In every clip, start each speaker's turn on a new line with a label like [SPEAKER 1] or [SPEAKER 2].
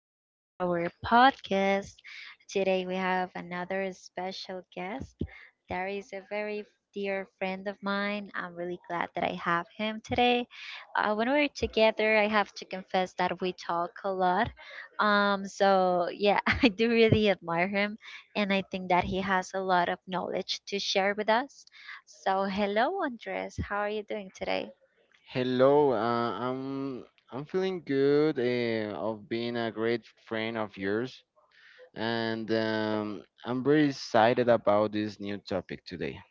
[SPEAKER 1] to our podcast. Today we have another special guest. There is a very dear friend of mine. I'm really glad that I have him today. When we're together, I have to confess that we talk a lot. I do really admire him, and I think that he has a lot of knowledge to share with us. So, hello, Andres. How are you doing today?
[SPEAKER 2] Hello, I'm I'm feeling good of being a great friend of yours, and I'm very excited about this new topic today.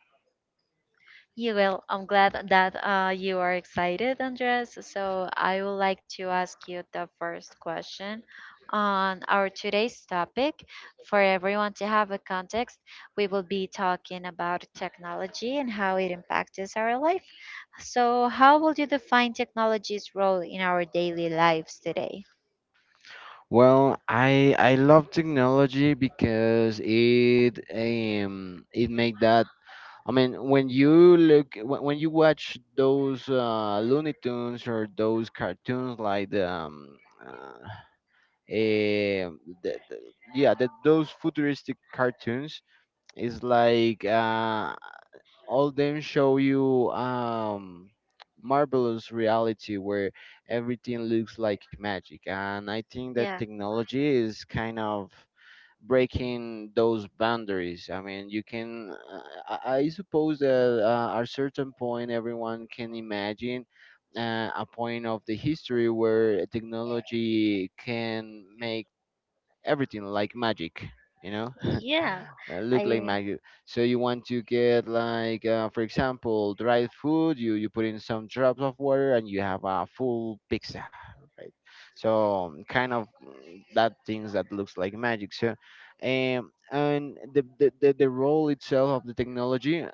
[SPEAKER 1] Yeah, well, I'm glad that you are excited, Andres. So I would like to ask you the first question on our today's topic. For everyone to have a context, we will be talking about technology and how it impacts our life. So, how would you define technology's role in our daily lives today?
[SPEAKER 2] Well, I love technology because it make that. I mean, when you watch those Looney Tunes or those cartoons like uh, eh, the, the, those futuristic cartoons. It's like all them show you marvelous reality where everything looks like magic, and I think that
[SPEAKER 1] Yeah,
[SPEAKER 2] technology is kind of breaking those boundaries. I mean, you can. I suppose that at a certain point, everyone can imagine. A point of the history where technology can make everything like magic, you know?
[SPEAKER 1] yeah,
[SPEAKER 2] Look like
[SPEAKER 1] I,
[SPEAKER 2] Maggi. So you want to get like, for example, dried food. You put in some drops of water and you have a full pizza, right? So kind of that things that looks like magic. So, and the role itself of the technology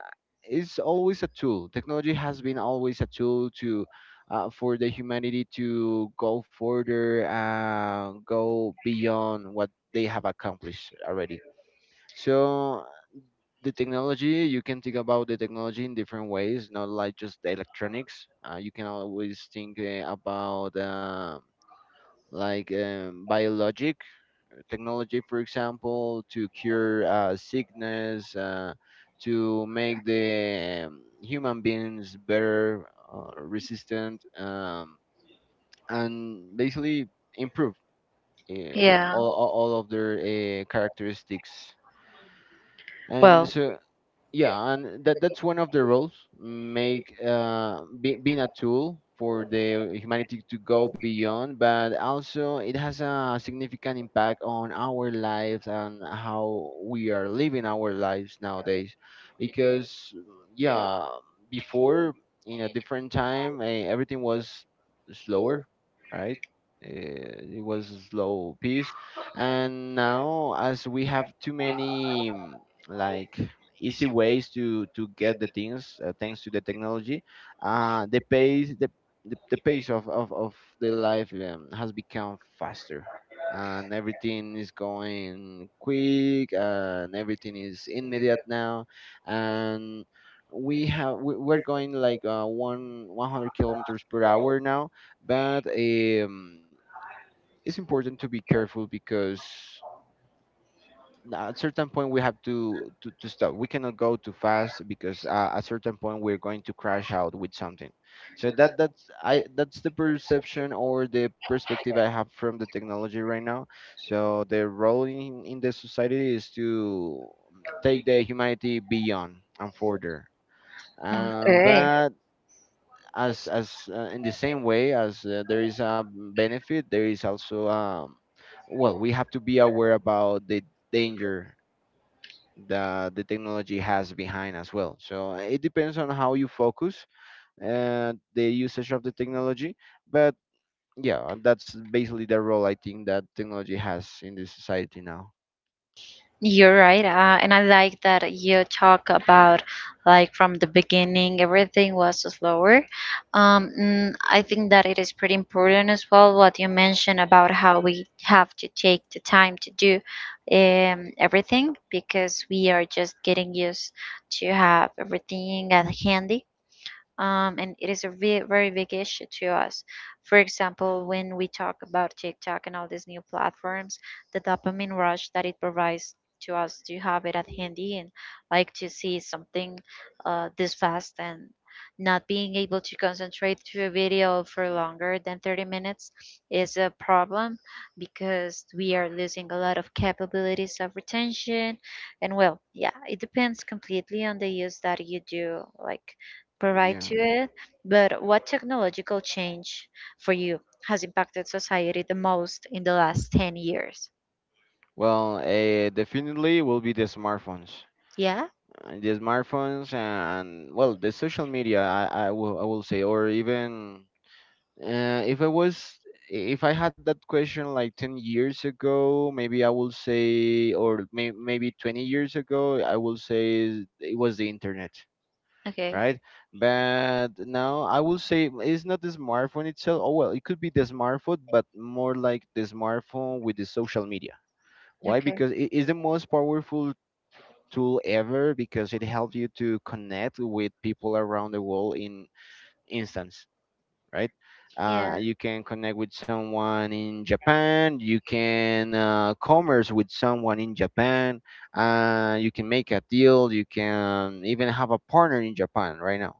[SPEAKER 2] is always a tool. Technology has been always a tool to. For the humanity to go further, go beyond what they have accomplished already. So the technology, you can think about the technology in different ways, not like just the electronics. You can always think about like biologic technology, for example, to cure sickness, to make the human beings better, resistant, and basically improve uh,
[SPEAKER 1] yeah.
[SPEAKER 2] all of their characteristics. And
[SPEAKER 1] Well,
[SPEAKER 2] so, yeah, and that's one of the roles, make being a tool for the humanity to go beyond. But also it has a significant impact on our lives and how we are living our lives nowadays because, yeah, before, in a different time, everything was slower, right? It was a slow pace, and now as we have too many, like, easy ways to get the things, thanks to the technology, uh the pace the the pace of, of the life has become faster, and everything is going quick and everything is immediate now, and we're going like one 100 kilometers per hour now. But it's important to be careful because now, at certain point, we have to, to stop. We cannot go too fast because at certain point we're going to crash out with something. So that's the perception or the perspective I have from the technology right now. So the role in the society is to take the humanity beyond and further,
[SPEAKER 1] okay.
[SPEAKER 2] but as in the same way as, there is a benefit, there is also, well, we have to be aware about the danger that the technology has behind as well. So it depends on how you focus and the usage of the technology. But yeah, that's basically the role I think that technology has in the society now.
[SPEAKER 1] You're right, and I like that you talk about from the beginning, everything was slower. I think that it is pretty important as well what you mentioned about how we have to take the time to do everything because we are just getting used to have everything at hand, and it is a very big issue to us. For example, when we talk about TikTok and all these new platforms, the dopamine rush that it provides to us to have it at handy and like to see something this fast and not being able to concentrate to a video for longer than 30 minutes is a problem because we are losing a lot of capabilities of retention, and well, yeah, it depends completely on the use that you do, like provide
[SPEAKER 2] Yeah.
[SPEAKER 1] to it. But what technological change for you has impacted society the most in the last 10 years?
[SPEAKER 2] Well, definitely will be the smartphones.
[SPEAKER 1] Yeah?
[SPEAKER 2] The smartphones and, well, the social media. I will say, or even, Uh, if I was, if I had that question like 10 years ago, maybe I will say, or maybe 20 years ago, I will say it was the internet,
[SPEAKER 1] Okay.
[SPEAKER 2] right? But now I will say it's not the smartphone itself. Oh, well, it could be the smartphone, but more like the smartphone with the social media. Why?
[SPEAKER 1] Okay.
[SPEAKER 2] Because it is the most powerful tool ever, because it helps you to connect with people around the world in instance, right?
[SPEAKER 1] Yeah.
[SPEAKER 2] You can connect with someone in Japan. You can commerce with someone in Japan. You can make a deal. You can even have a partner in Japan right now,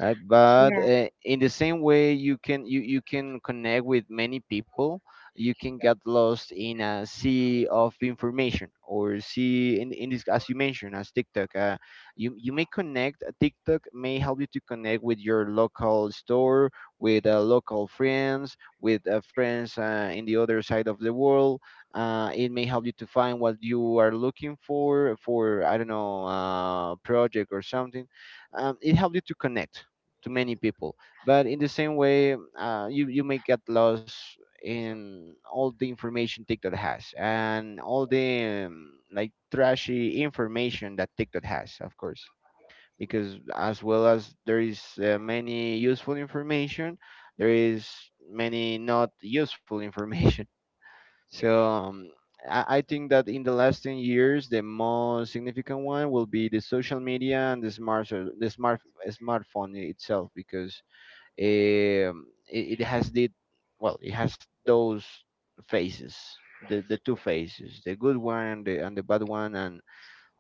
[SPEAKER 2] right? But
[SPEAKER 1] Yeah.
[SPEAKER 2] in the same way, you can connect with many people. You can get lost in a sea of information, or see in this as you mentioned as TikTok. You may connect. TikTok may help you to connect with your local store, with local friends, with friends in the other side of the world. It may help you to find what you are looking for I don't know project or something. It helps you to connect to many people. But in the same way, you may get lost in all the information TikTok has and all the like, trashy information that TikTok has, of course. Because as well as there is many useful information, there is many not useful information. So I think that in the last 10 years, the most significant one will be the social media and the smartphone itself, because it has the, well, it has those phases, the two phases, the good one and the bad one, and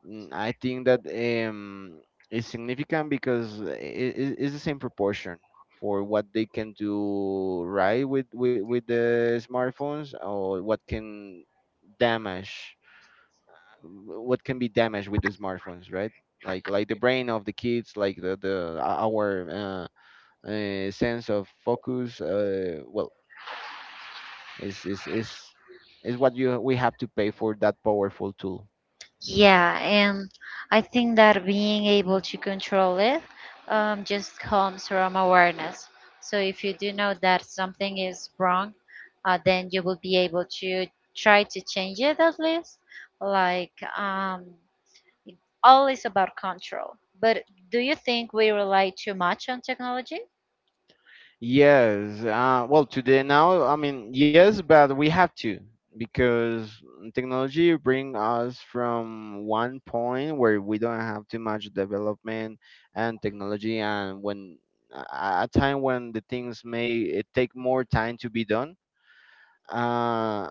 [SPEAKER 2] I think that is significant because it's the same proportion for what they can do right with, with the smartphones, or what can damage, what can be damaged with the smartphones, right? Like the brain of the kids, like the our, sense of focus, well, is is is is what you we have to pay for that powerful tool.
[SPEAKER 1] Yeah. And I think that being able to control it, just comes from awareness. So if you do know that something is wrong, then you will be able to try to change it at least. Like, um, It all is about control. But do you think we rely too much on technology?
[SPEAKER 2] Yes, well, today now, I mean, yes, but we have to, because technology bring us from one point where we don't have too much development and technology, and when a a time when the things may take more time to be done. Uh,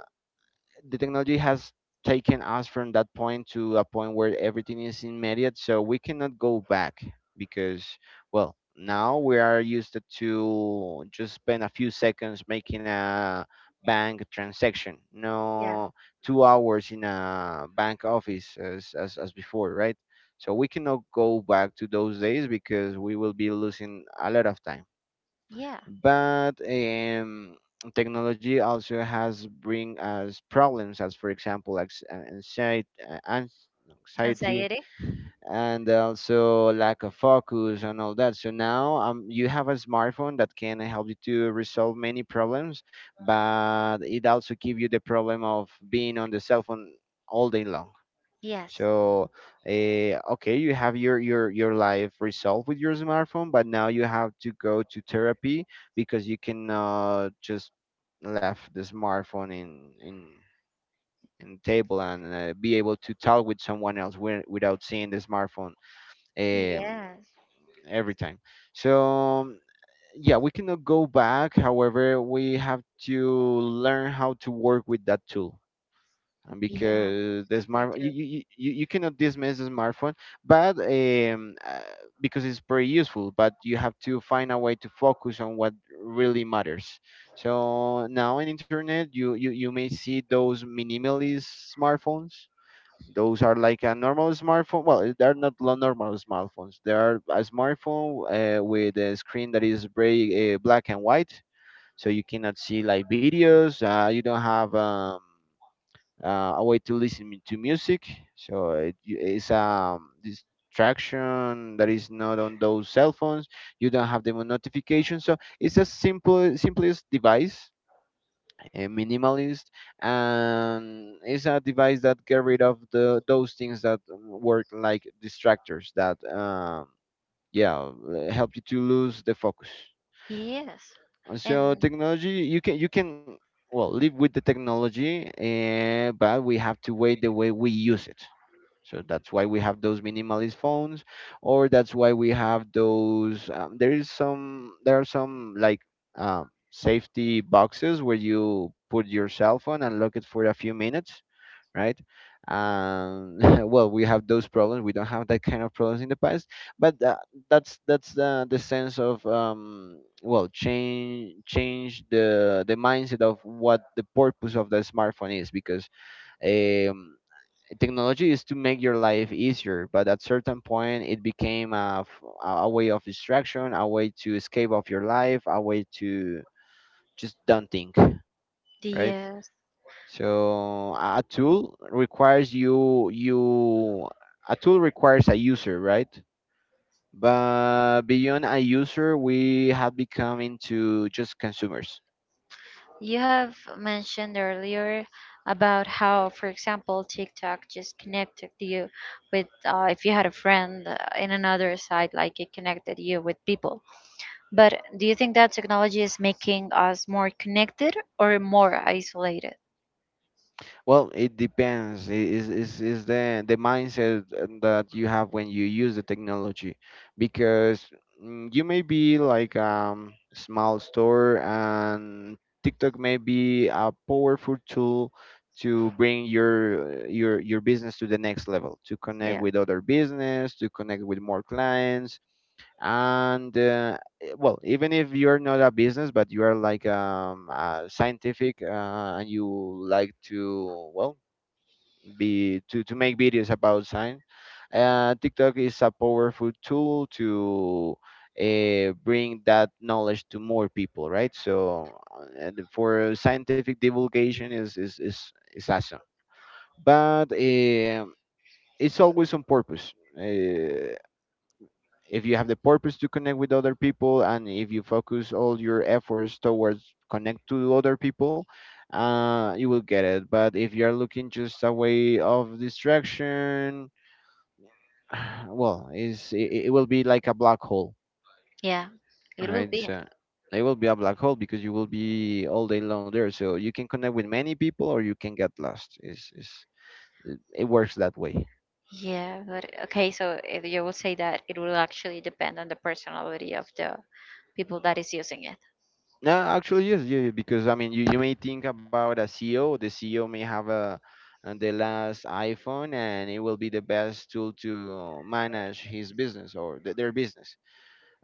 [SPEAKER 2] the technology has taken us from that point to a point where everything is immediate, so we cannot go back because, well, now we are used to just spend a few seconds making a bank transaction,
[SPEAKER 1] Yeah.
[SPEAKER 2] no 2 hours in a bank office, as, as before, right? So we cannot go back to those days because we will be losing a lot of time.
[SPEAKER 1] Yeah.
[SPEAKER 2] But technology also has bring us problems, as for example, like anxiety, uh, anxiety,
[SPEAKER 1] Anxiety?
[SPEAKER 2] and also lack of focus and all that. So now, you have a smartphone that can help you to resolve many problems, but it also give you the problem of being on the cell phone all day long.
[SPEAKER 1] Yes.
[SPEAKER 2] So, okay, you have your life resolved with your smartphone, but now you have to go to therapy because you cannot just left the smartphone in the table and be able to talk with someone else without seeing the smartphone um,
[SPEAKER 1] Yes.
[SPEAKER 2] every time. So. Yeah, we cannot go back. However, we have to learn how to work with that tool,
[SPEAKER 1] Yeah,
[SPEAKER 2] because the
[SPEAKER 1] we
[SPEAKER 2] smart you,
[SPEAKER 1] do.
[SPEAKER 2] you, you, you you cannot dismiss the smartphone. But because it's pretty useful, but you have to find a way to focus on what really matters. So now in internet, you may see those minimalist smartphones. Those are like a normal smartphone, well, they're not normal smartphones, they are a smartphone with a screen that is very black and white, so you cannot see like videos, you don't have a way to listen to music. So it's a distraction that is not on those cell phones. You don't have the notification. So it's a simple, simplest device, a minimalist, and it's a device that get rid of the those things that work like distractors that yeah, help you to lose the focus.
[SPEAKER 1] Yes.
[SPEAKER 2] So
[SPEAKER 1] And
[SPEAKER 2] technology, you can, well, live with the technology, but we have to weigh the way we use it. So that's why we have those minimalist phones, or that's why we have those. There is some there are some like safety boxes where you put your cell phone and lock it for a few minutes right? Um, well, we have those problems. We don't have that kind of problems in the past, but that's the sense of, well, change the mindset of what the purpose of the smartphone is, because um, technology is to make your life easier, but at certain point it became a way of distraction, a way to escape of your life, a way to just don't think, right?
[SPEAKER 1] yes.
[SPEAKER 2] So a tool requires a user, right? But beyond a user, we have become into just consumers.
[SPEAKER 1] You have mentioned earlier about how, for example, TikTok just connected you with, if you had a friend in another side, like it connected you with people. But do you think that technology is making us more connected or more isolated?
[SPEAKER 2] Well, it depends. Is the mindset that you have when you use the technology, because you may be like small store, and TikTok may be a powerful tool to bring your business to the next level, to connect
[SPEAKER 1] Yeah.
[SPEAKER 2] with other business, to connect with more clients, and well, even if you're not a business but you are like scientific and you like to, well, to make videos about science. Tiktok is a powerful tool to bring that knowledge to more people, right? So and for scientific divulgation is awesome. But it's always on purpose. If you have the purpose to connect with other people, and if you focus all your efforts towards connect to other people, you will get it. But if you are looking just a way of distraction well, it will be like a black hole.
[SPEAKER 1] Yeah, it will
[SPEAKER 2] Right,
[SPEAKER 1] be.
[SPEAKER 2] so it will be a black hole because you will be all day long there, so you can connect with many people or you can get lost. Is It it works that way.
[SPEAKER 1] Yeah, but okay, so if you will say that it will actually depend on the personality of the people that is using it.
[SPEAKER 2] No, actually, yes, yeah, yeah, because I mean, you may think about a CEO. The CEO may have a, the last iPhone, and it will be the best tool to manage his business or their business.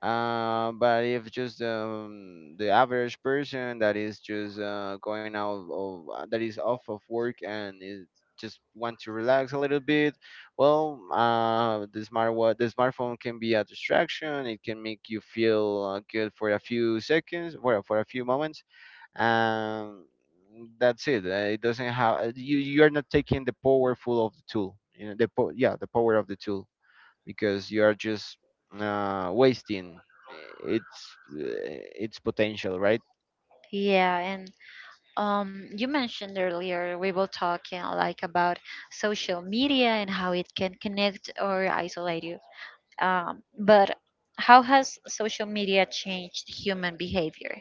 [SPEAKER 2] But if just the average person that is just going out of that is off of work and is just want to relax a little bit, well, the the smartphone can be a distraction. It can make you feel good for a few seconds, for a for a few moments, and that's it. It doesn't have you. You are not taking the powerful of the tool. You know yeah, the power of the tool, because you are just wasting its potential, right?
[SPEAKER 1] Yeah, and you mentioned earlier we were talking like about social media and how it can connect or isolate you. But how has social media changed human behavior?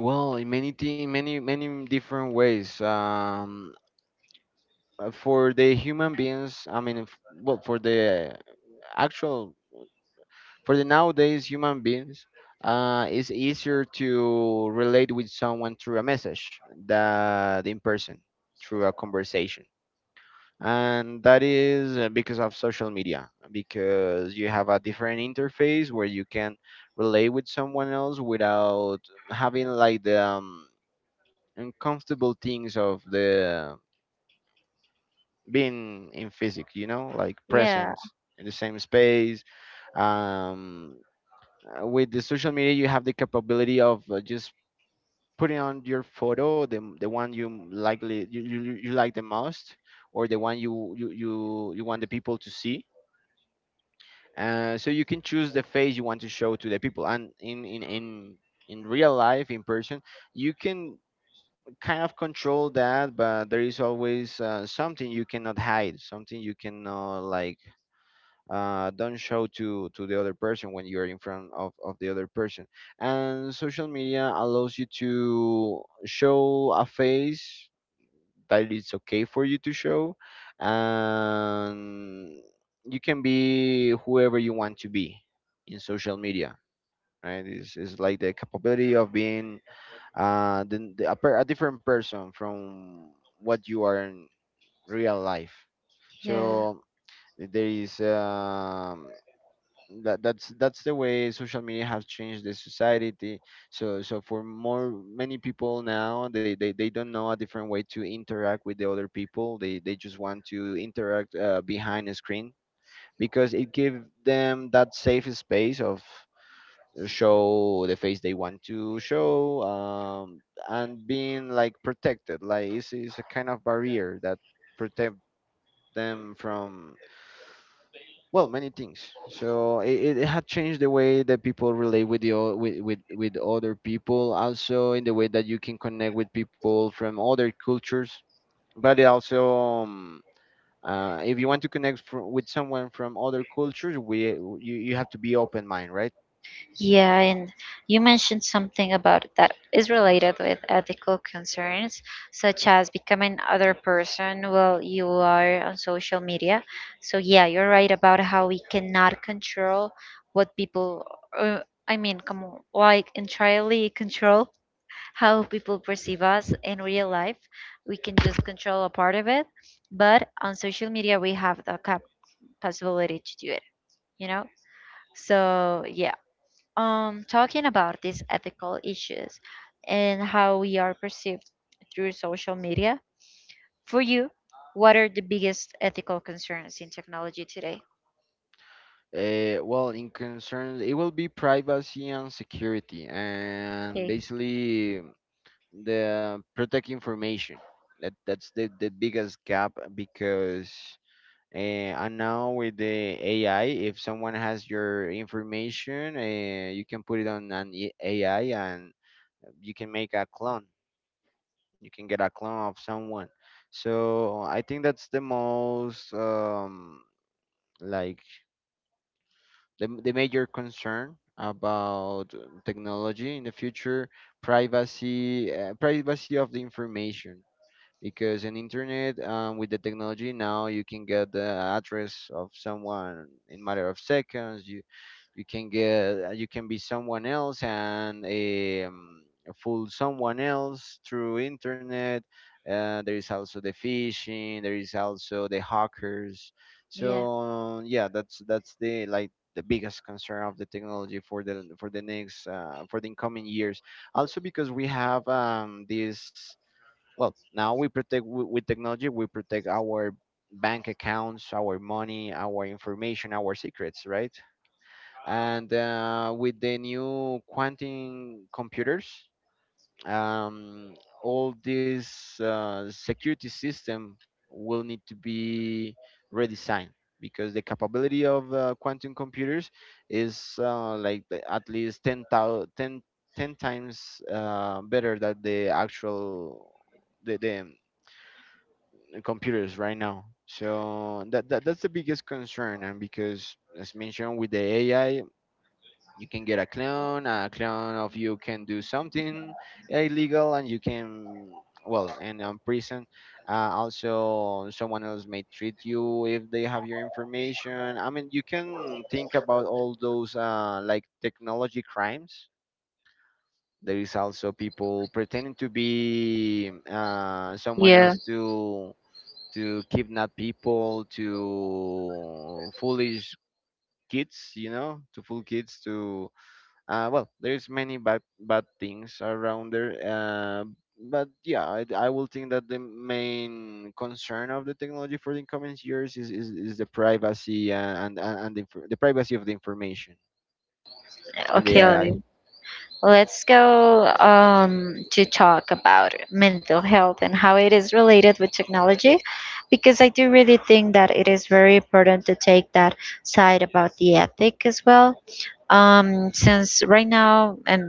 [SPEAKER 2] Well, in many many different ways. For the human beings, I mean, well, for the actual, for the nowadays human beings, it's easier to relate with someone through a message than in person, through a conversation. And that is because of social media, because you have a different interface where you can relate with someone else without having like the uncomfortable things of the being in physics, you know, like
[SPEAKER 1] Yeah.
[SPEAKER 2] present in the same space. um, with the social media you have the capability of just putting on your photo the one you likely you like the most, or the one you want the people to see. So you can choose the face you want to show to the people. And in real life, in person, you can kind of control that, but there is always something you cannot hide, something you cannot like don't show to the other person when you're in front of the other person. And social media allows you to show a face that it's okay for you to show, and you can be whoever you want to be in social media, right? It's like the capability of being a different person from what you are in real life.
[SPEAKER 1] Yeah.
[SPEAKER 2] So there is that's the way social media has changed the society. So for more many people now, they don't know a different way to interact with the other people. They just want to interact behind a screen, because it gives them that safe space of show the face they want to show. And being like protected, it's a kind of barrier that protect them from, well, many things. So it had changed the way that people relate with with other people, also in the way that you can connect with people from other cultures. But it also um, if you want to connect with someone from other cultures, we you have to be open mind, right?
[SPEAKER 1] Yeah, and you mentioned something about it that is related with ethical concerns, such as becoming other person while you are on social media. So yeah, you're right about how we cannot control what people, uh, come on, like entirely control how people perceive us in real life. We can just control a part of it, but on social media we have the possibility to do it. You know, so yeah, talking about these ethical issues and how we are perceived through social media. For you, what are the biggest ethical concerns in technology today?
[SPEAKER 2] Well, in concerns it will be privacy and security, and
[SPEAKER 1] Okay.
[SPEAKER 2] basically the protect information. That's the biggest gap, because and now with the AI, if someone has your information, you can put it on an AI and you can make a clone. You can get a clone of someone. So I think that's the most like the major concern about technology in the future. Privacy, privacy of the information, because in internet, with the technology now, you can get the address of someone in matter of seconds. You can get you can be someone else and fool someone else through internet. There is also the phishing, there is also the hackers.
[SPEAKER 1] Yeah.
[SPEAKER 2] So yeah, that's the, like, the biggest concern of the technology for the next for the incoming years. Also because we have this, well, now we protect with technology, we protect our bank accounts, our money, our information, our secrets, right? And with the new quantum computers, um, all this security system will need to be redesigned, because the capability of quantum computers is like at least 10 ten times better than the actual the computers right now. So that's the biggest concern. And because, as mentioned, with the AI, you can get a clone. A clone of you can do something illegal, and you can, well, and prison. Also, someone else may treat you if they have your information. I mean, you can think about all those like technology crimes. There is also people pretending to be someone
[SPEAKER 1] Yeah.
[SPEAKER 2] else to kidnap people, to foolish kids, you know, to fool kids, to well, there's many bad things around there. But yeah, I will think that the main concern of the technology for the coming years is the privacy and and the privacy of the information and the AI.
[SPEAKER 1] Okay. Let's go to talk about mental health and how it is related with technology, because I do really think that it is very important to take that side about the ethic as well. Since right now, and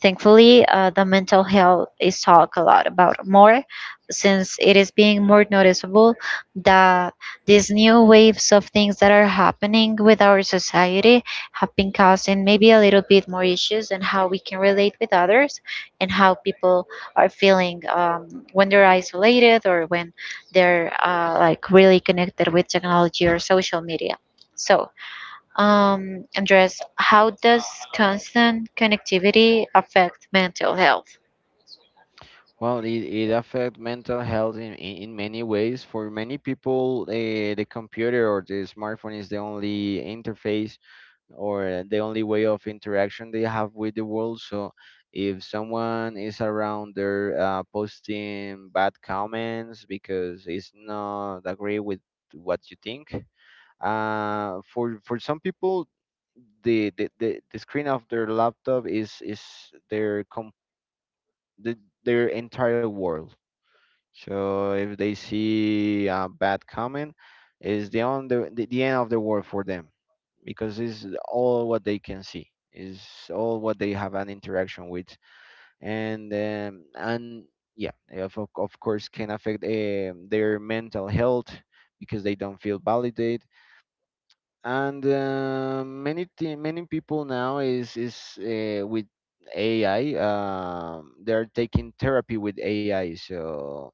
[SPEAKER 1] thankfully, the mental health is talked a lot about more, since it is being more noticeable that these new waves of things that are happening with our society have been causing maybe a little bit more issues and how we can relate with others and how people are feeling, when they're isolated or when they're like really connected with technology or social media. So, Andres, how does constant connectivity affect mental health?
[SPEAKER 2] Well, it affects mental health in many ways. For many people, the computer or the smartphone is the only interface or the only way of interaction they have with the world. So if someone is around there posting bad comments because it's not agree with what you think, for some people, the screen of their laptop is their the, their entire world. So if they see a bad comment, is on the end of the world for them, because it's all what they can see, is all what they have an interaction with. And yeah, of course can affect their mental health, because they don't feel validated. And many many people now is with AI, they are taking therapy with AI. So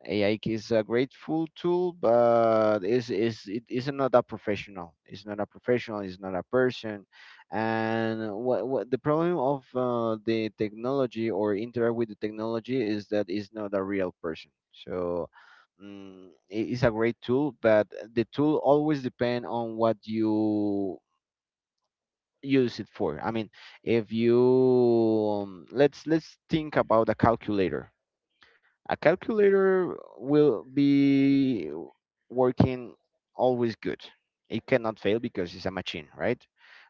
[SPEAKER 2] AI is a grateful tool, but is it is not a professional. It's not a professional. It's not a person. And what the problem of the technology or interact with the technology is that it's not a real person. So it is a great tool, but the tool always depend on what you use it for. I mean, if you let's think about a calculator. A calculator will be working always good. It cannot fail because it's a machine, right?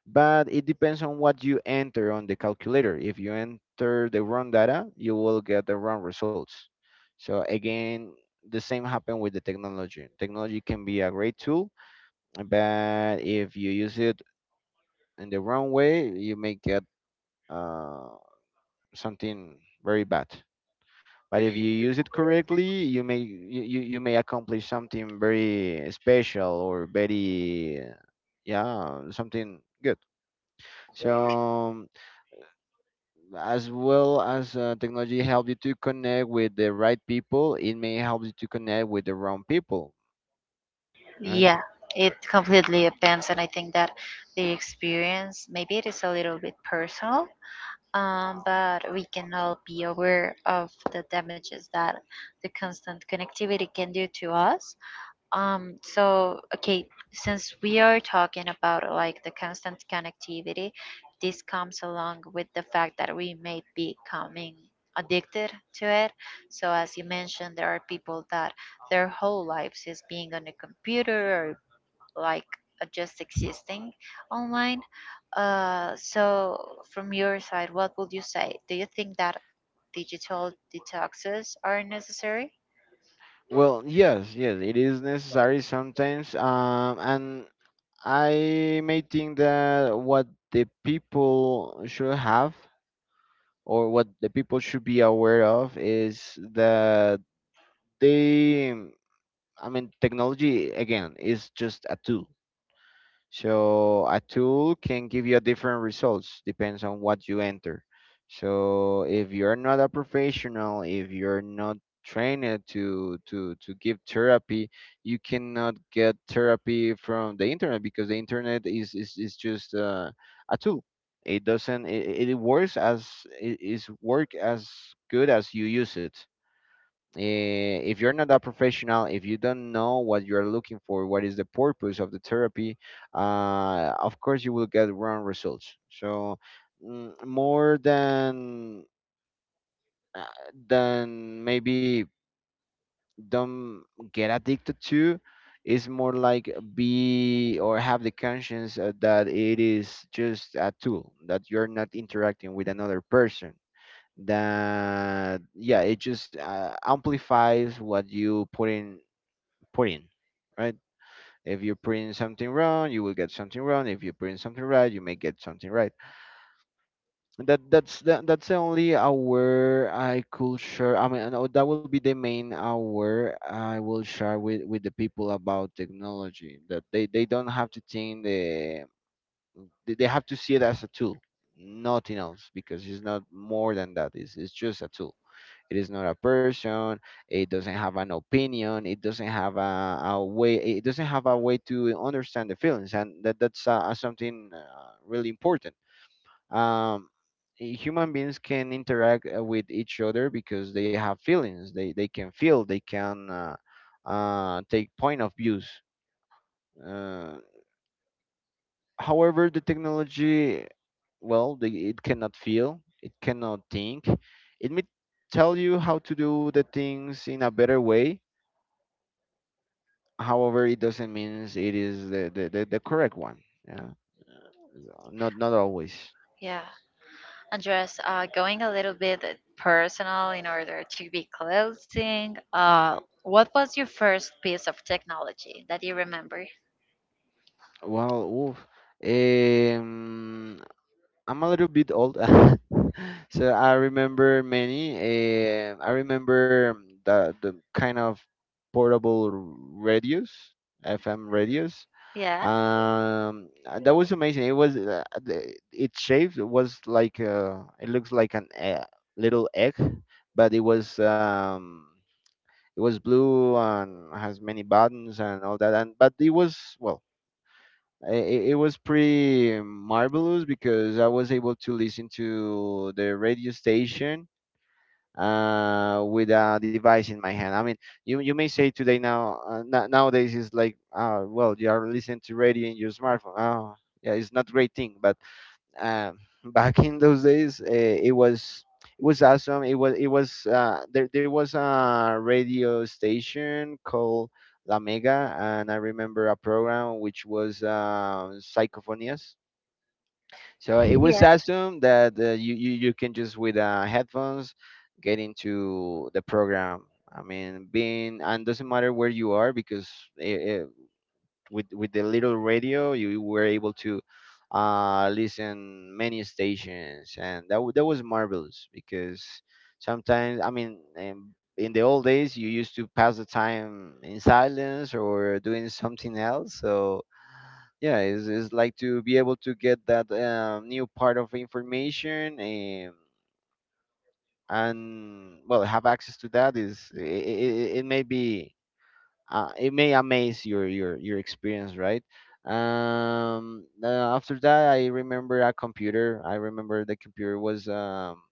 [SPEAKER 2] But it depends on what you enter on the calculator. If you enter the wrong data, you will get the wrong results. So again, the same happened with the technology. Technology can be a great tool, but if you use it in the wrong way, you may get uh, something very bad. But if you use it correctly, you you may accomplish something very special or very yeah, something good. So as well as technology helps you to connect with the right people, it may help you to connect with the wrong people, right?
[SPEAKER 1] Yeah, it
[SPEAKER 2] Uh,
[SPEAKER 1] completely depends, and I think that the experience maybe it is a little bit personal, but we can all be aware of the damages that the constant connectivity can do to us. So okay, since we are talking about like the constant connectivity, this comes along with the fact that we may be becoming addicted to it. So as you mentioned, there are people that their whole lives is being on a computer or like just existing online. So from your side, what would you say? Do you think that digital detoxes are necessary?
[SPEAKER 2] well, yes, yes, it is necessary sometimes, and I may think that what the people should have, or what the people should be aware of, is that they, I mean, technology again is just a tool. So a tool can give you different results depends on what you enter. So if you're not a professional, if you're not trained to give therapy, you cannot get therapy from the internet, because the internet is just a tool. It doesn't it works as it is work as good as you use it. If you're not a professional, if you don't know what you're looking for, what is the purpose of the therapy, of course you will get wrong results. So more than uh, maybe don't get addicted to, is more like be or have the conscience that it is just a tool, that you're not interacting with another person, that yeah, it just amplifies what you put in putting, right? If you print something wrong, you will get something wrong. If you print something right, you may get something right. And that's the only hour I could share. I mean, that will be the main hour I will share with the people about technology. That they don't have to think the They have to see it as a tool, nothing else, because it's not more than that. It's just a tool. It is not a person. It doesn't have an opinion. It doesn't have a way. It doesn't have a way to understand the feelings, and that's something really important. Um, Human beings can interact with each other because they have feelings. They can feel. They can take point of views. Uh, However, the technology, well, it cannot feel. It cannot think. It may tell you how to do the things in a better way. However, it doesn't mean it is the, the correct one. Yeah. Not always.
[SPEAKER 1] Yeah. Andres, going a little bit personal in order to be closing, what was your first piece of technology that you remember?
[SPEAKER 2] Well, oof. Um, I'm a little bit old, so I remember many. I remember the kind of portable radios, FM radios.
[SPEAKER 1] Yeah?
[SPEAKER 2] And that was amazing. It was, its shape was like, it looks like an e- little egg, but it was, it was blue and has many buttons and all that, and but it was, well, it was pretty marvelous because I was able to listen to the radio station with a device in my hand. I mean, you may say today, now, nowadays is like, uh, well, you are listening to radio in your smartphone. Oh yeah, it's not great thing. But um, back in those days, it was, it was awesome. It was, it was, there was a radio station called La Mega, and I remember a program which was, Psychophonias. So it was
[SPEAKER 1] Yeah.
[SPEAKER 2] awesome that, you you can just with, headphones get into the program. I mean, being, and doesn't matter where you are, because eh, eh, with the little radio you were able to listen many stations, and that was marvelous because sometimes, I mean, in the old days you used to pass the time in silence or doing something else. So yeah, it's like to be able to get that, new part of information, and well, have access to that is, it may be, it may amaze your experience, right? After that, I remember a computer. I remember the computer was, um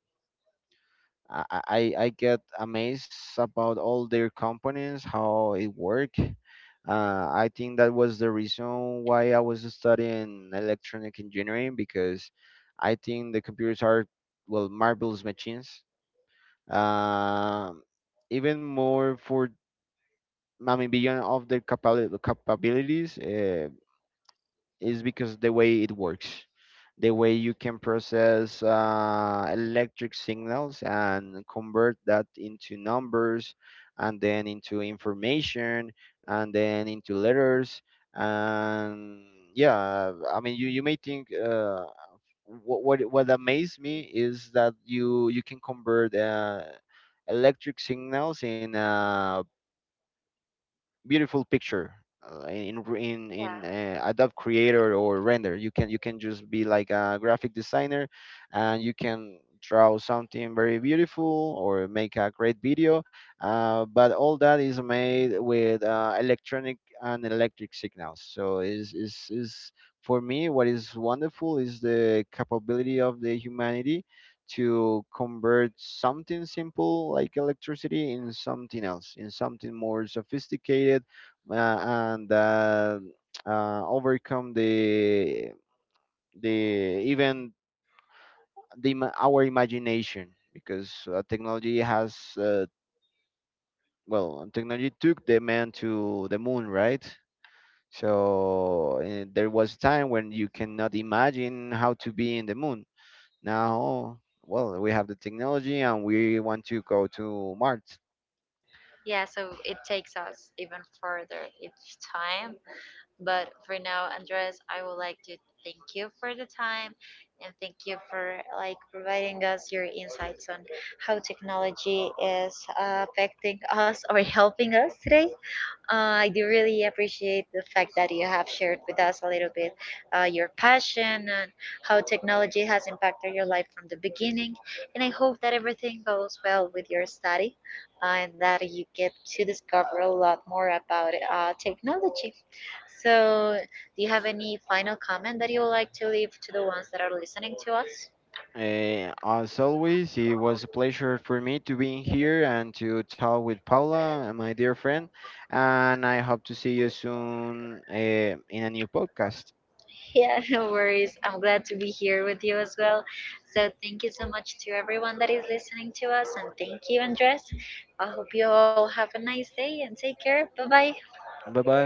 [SPEAKER 2] i i, I get amazed about all their components, how it work. Uh, I think that was the reason why I was studying electronic engineering, because I think the computers are, well, marvelous machines. Um Even more for, I mean, beyond of their capabilities, is because the way it works, the way you can process, electric signals and convert that into numbers, and then into information, and then into letters, and yeah, I mean, you may think. What amazed me is that you can convert, electric signals in, beautiful picture, in in in
[SPEAKER 1] Yeah.
[SPEAKER 2] uh, Adobe Creator or Render. You can just be like a graphic designer, and you can draw something very beautiful or make a great video. But all that is made with, electronic and electric signals. So is for me, what is wonderful is the capability of the humanity to convert something simple like electricity in something else, in something more sophisticated, uh, and overcome the even the our imagination, because, technology has, well, technology took the man to the moon, right? So, there was a time when you cannot imagine how to be in the moon. Now, well, we have the technology and we want to go to Mars.
[SPEAKER 1] Yeah, so it takes us even further each time. But for now, Andres, I would like to thank you for the time and thank you for like providing us your insights on how technology is affecting us or helping us today. I do really appreciate the fact that you have shared with us a little bit your passion and how technology has impacted your life from the beginning. And I hope that everything goes well with your study, and that you get to discover a lot more about technology. So, do you have any final comment that you would like to leave to the ones that are listening to us?
[SPEAKER 2] Eh, as always, it was a pleasure for me to be here and to talk with Paula, my dear friend. And I hope to see you soon, in a new podcast.
[SPEAKER 1] Yeah, no worries. I'm glad to be here with you as well. So, thank you so much to everyone that is listening to us, and thank you, Andres. I hope you all have a nice day and take care. Bye bye.
[SPEAKER 2] Bye bye.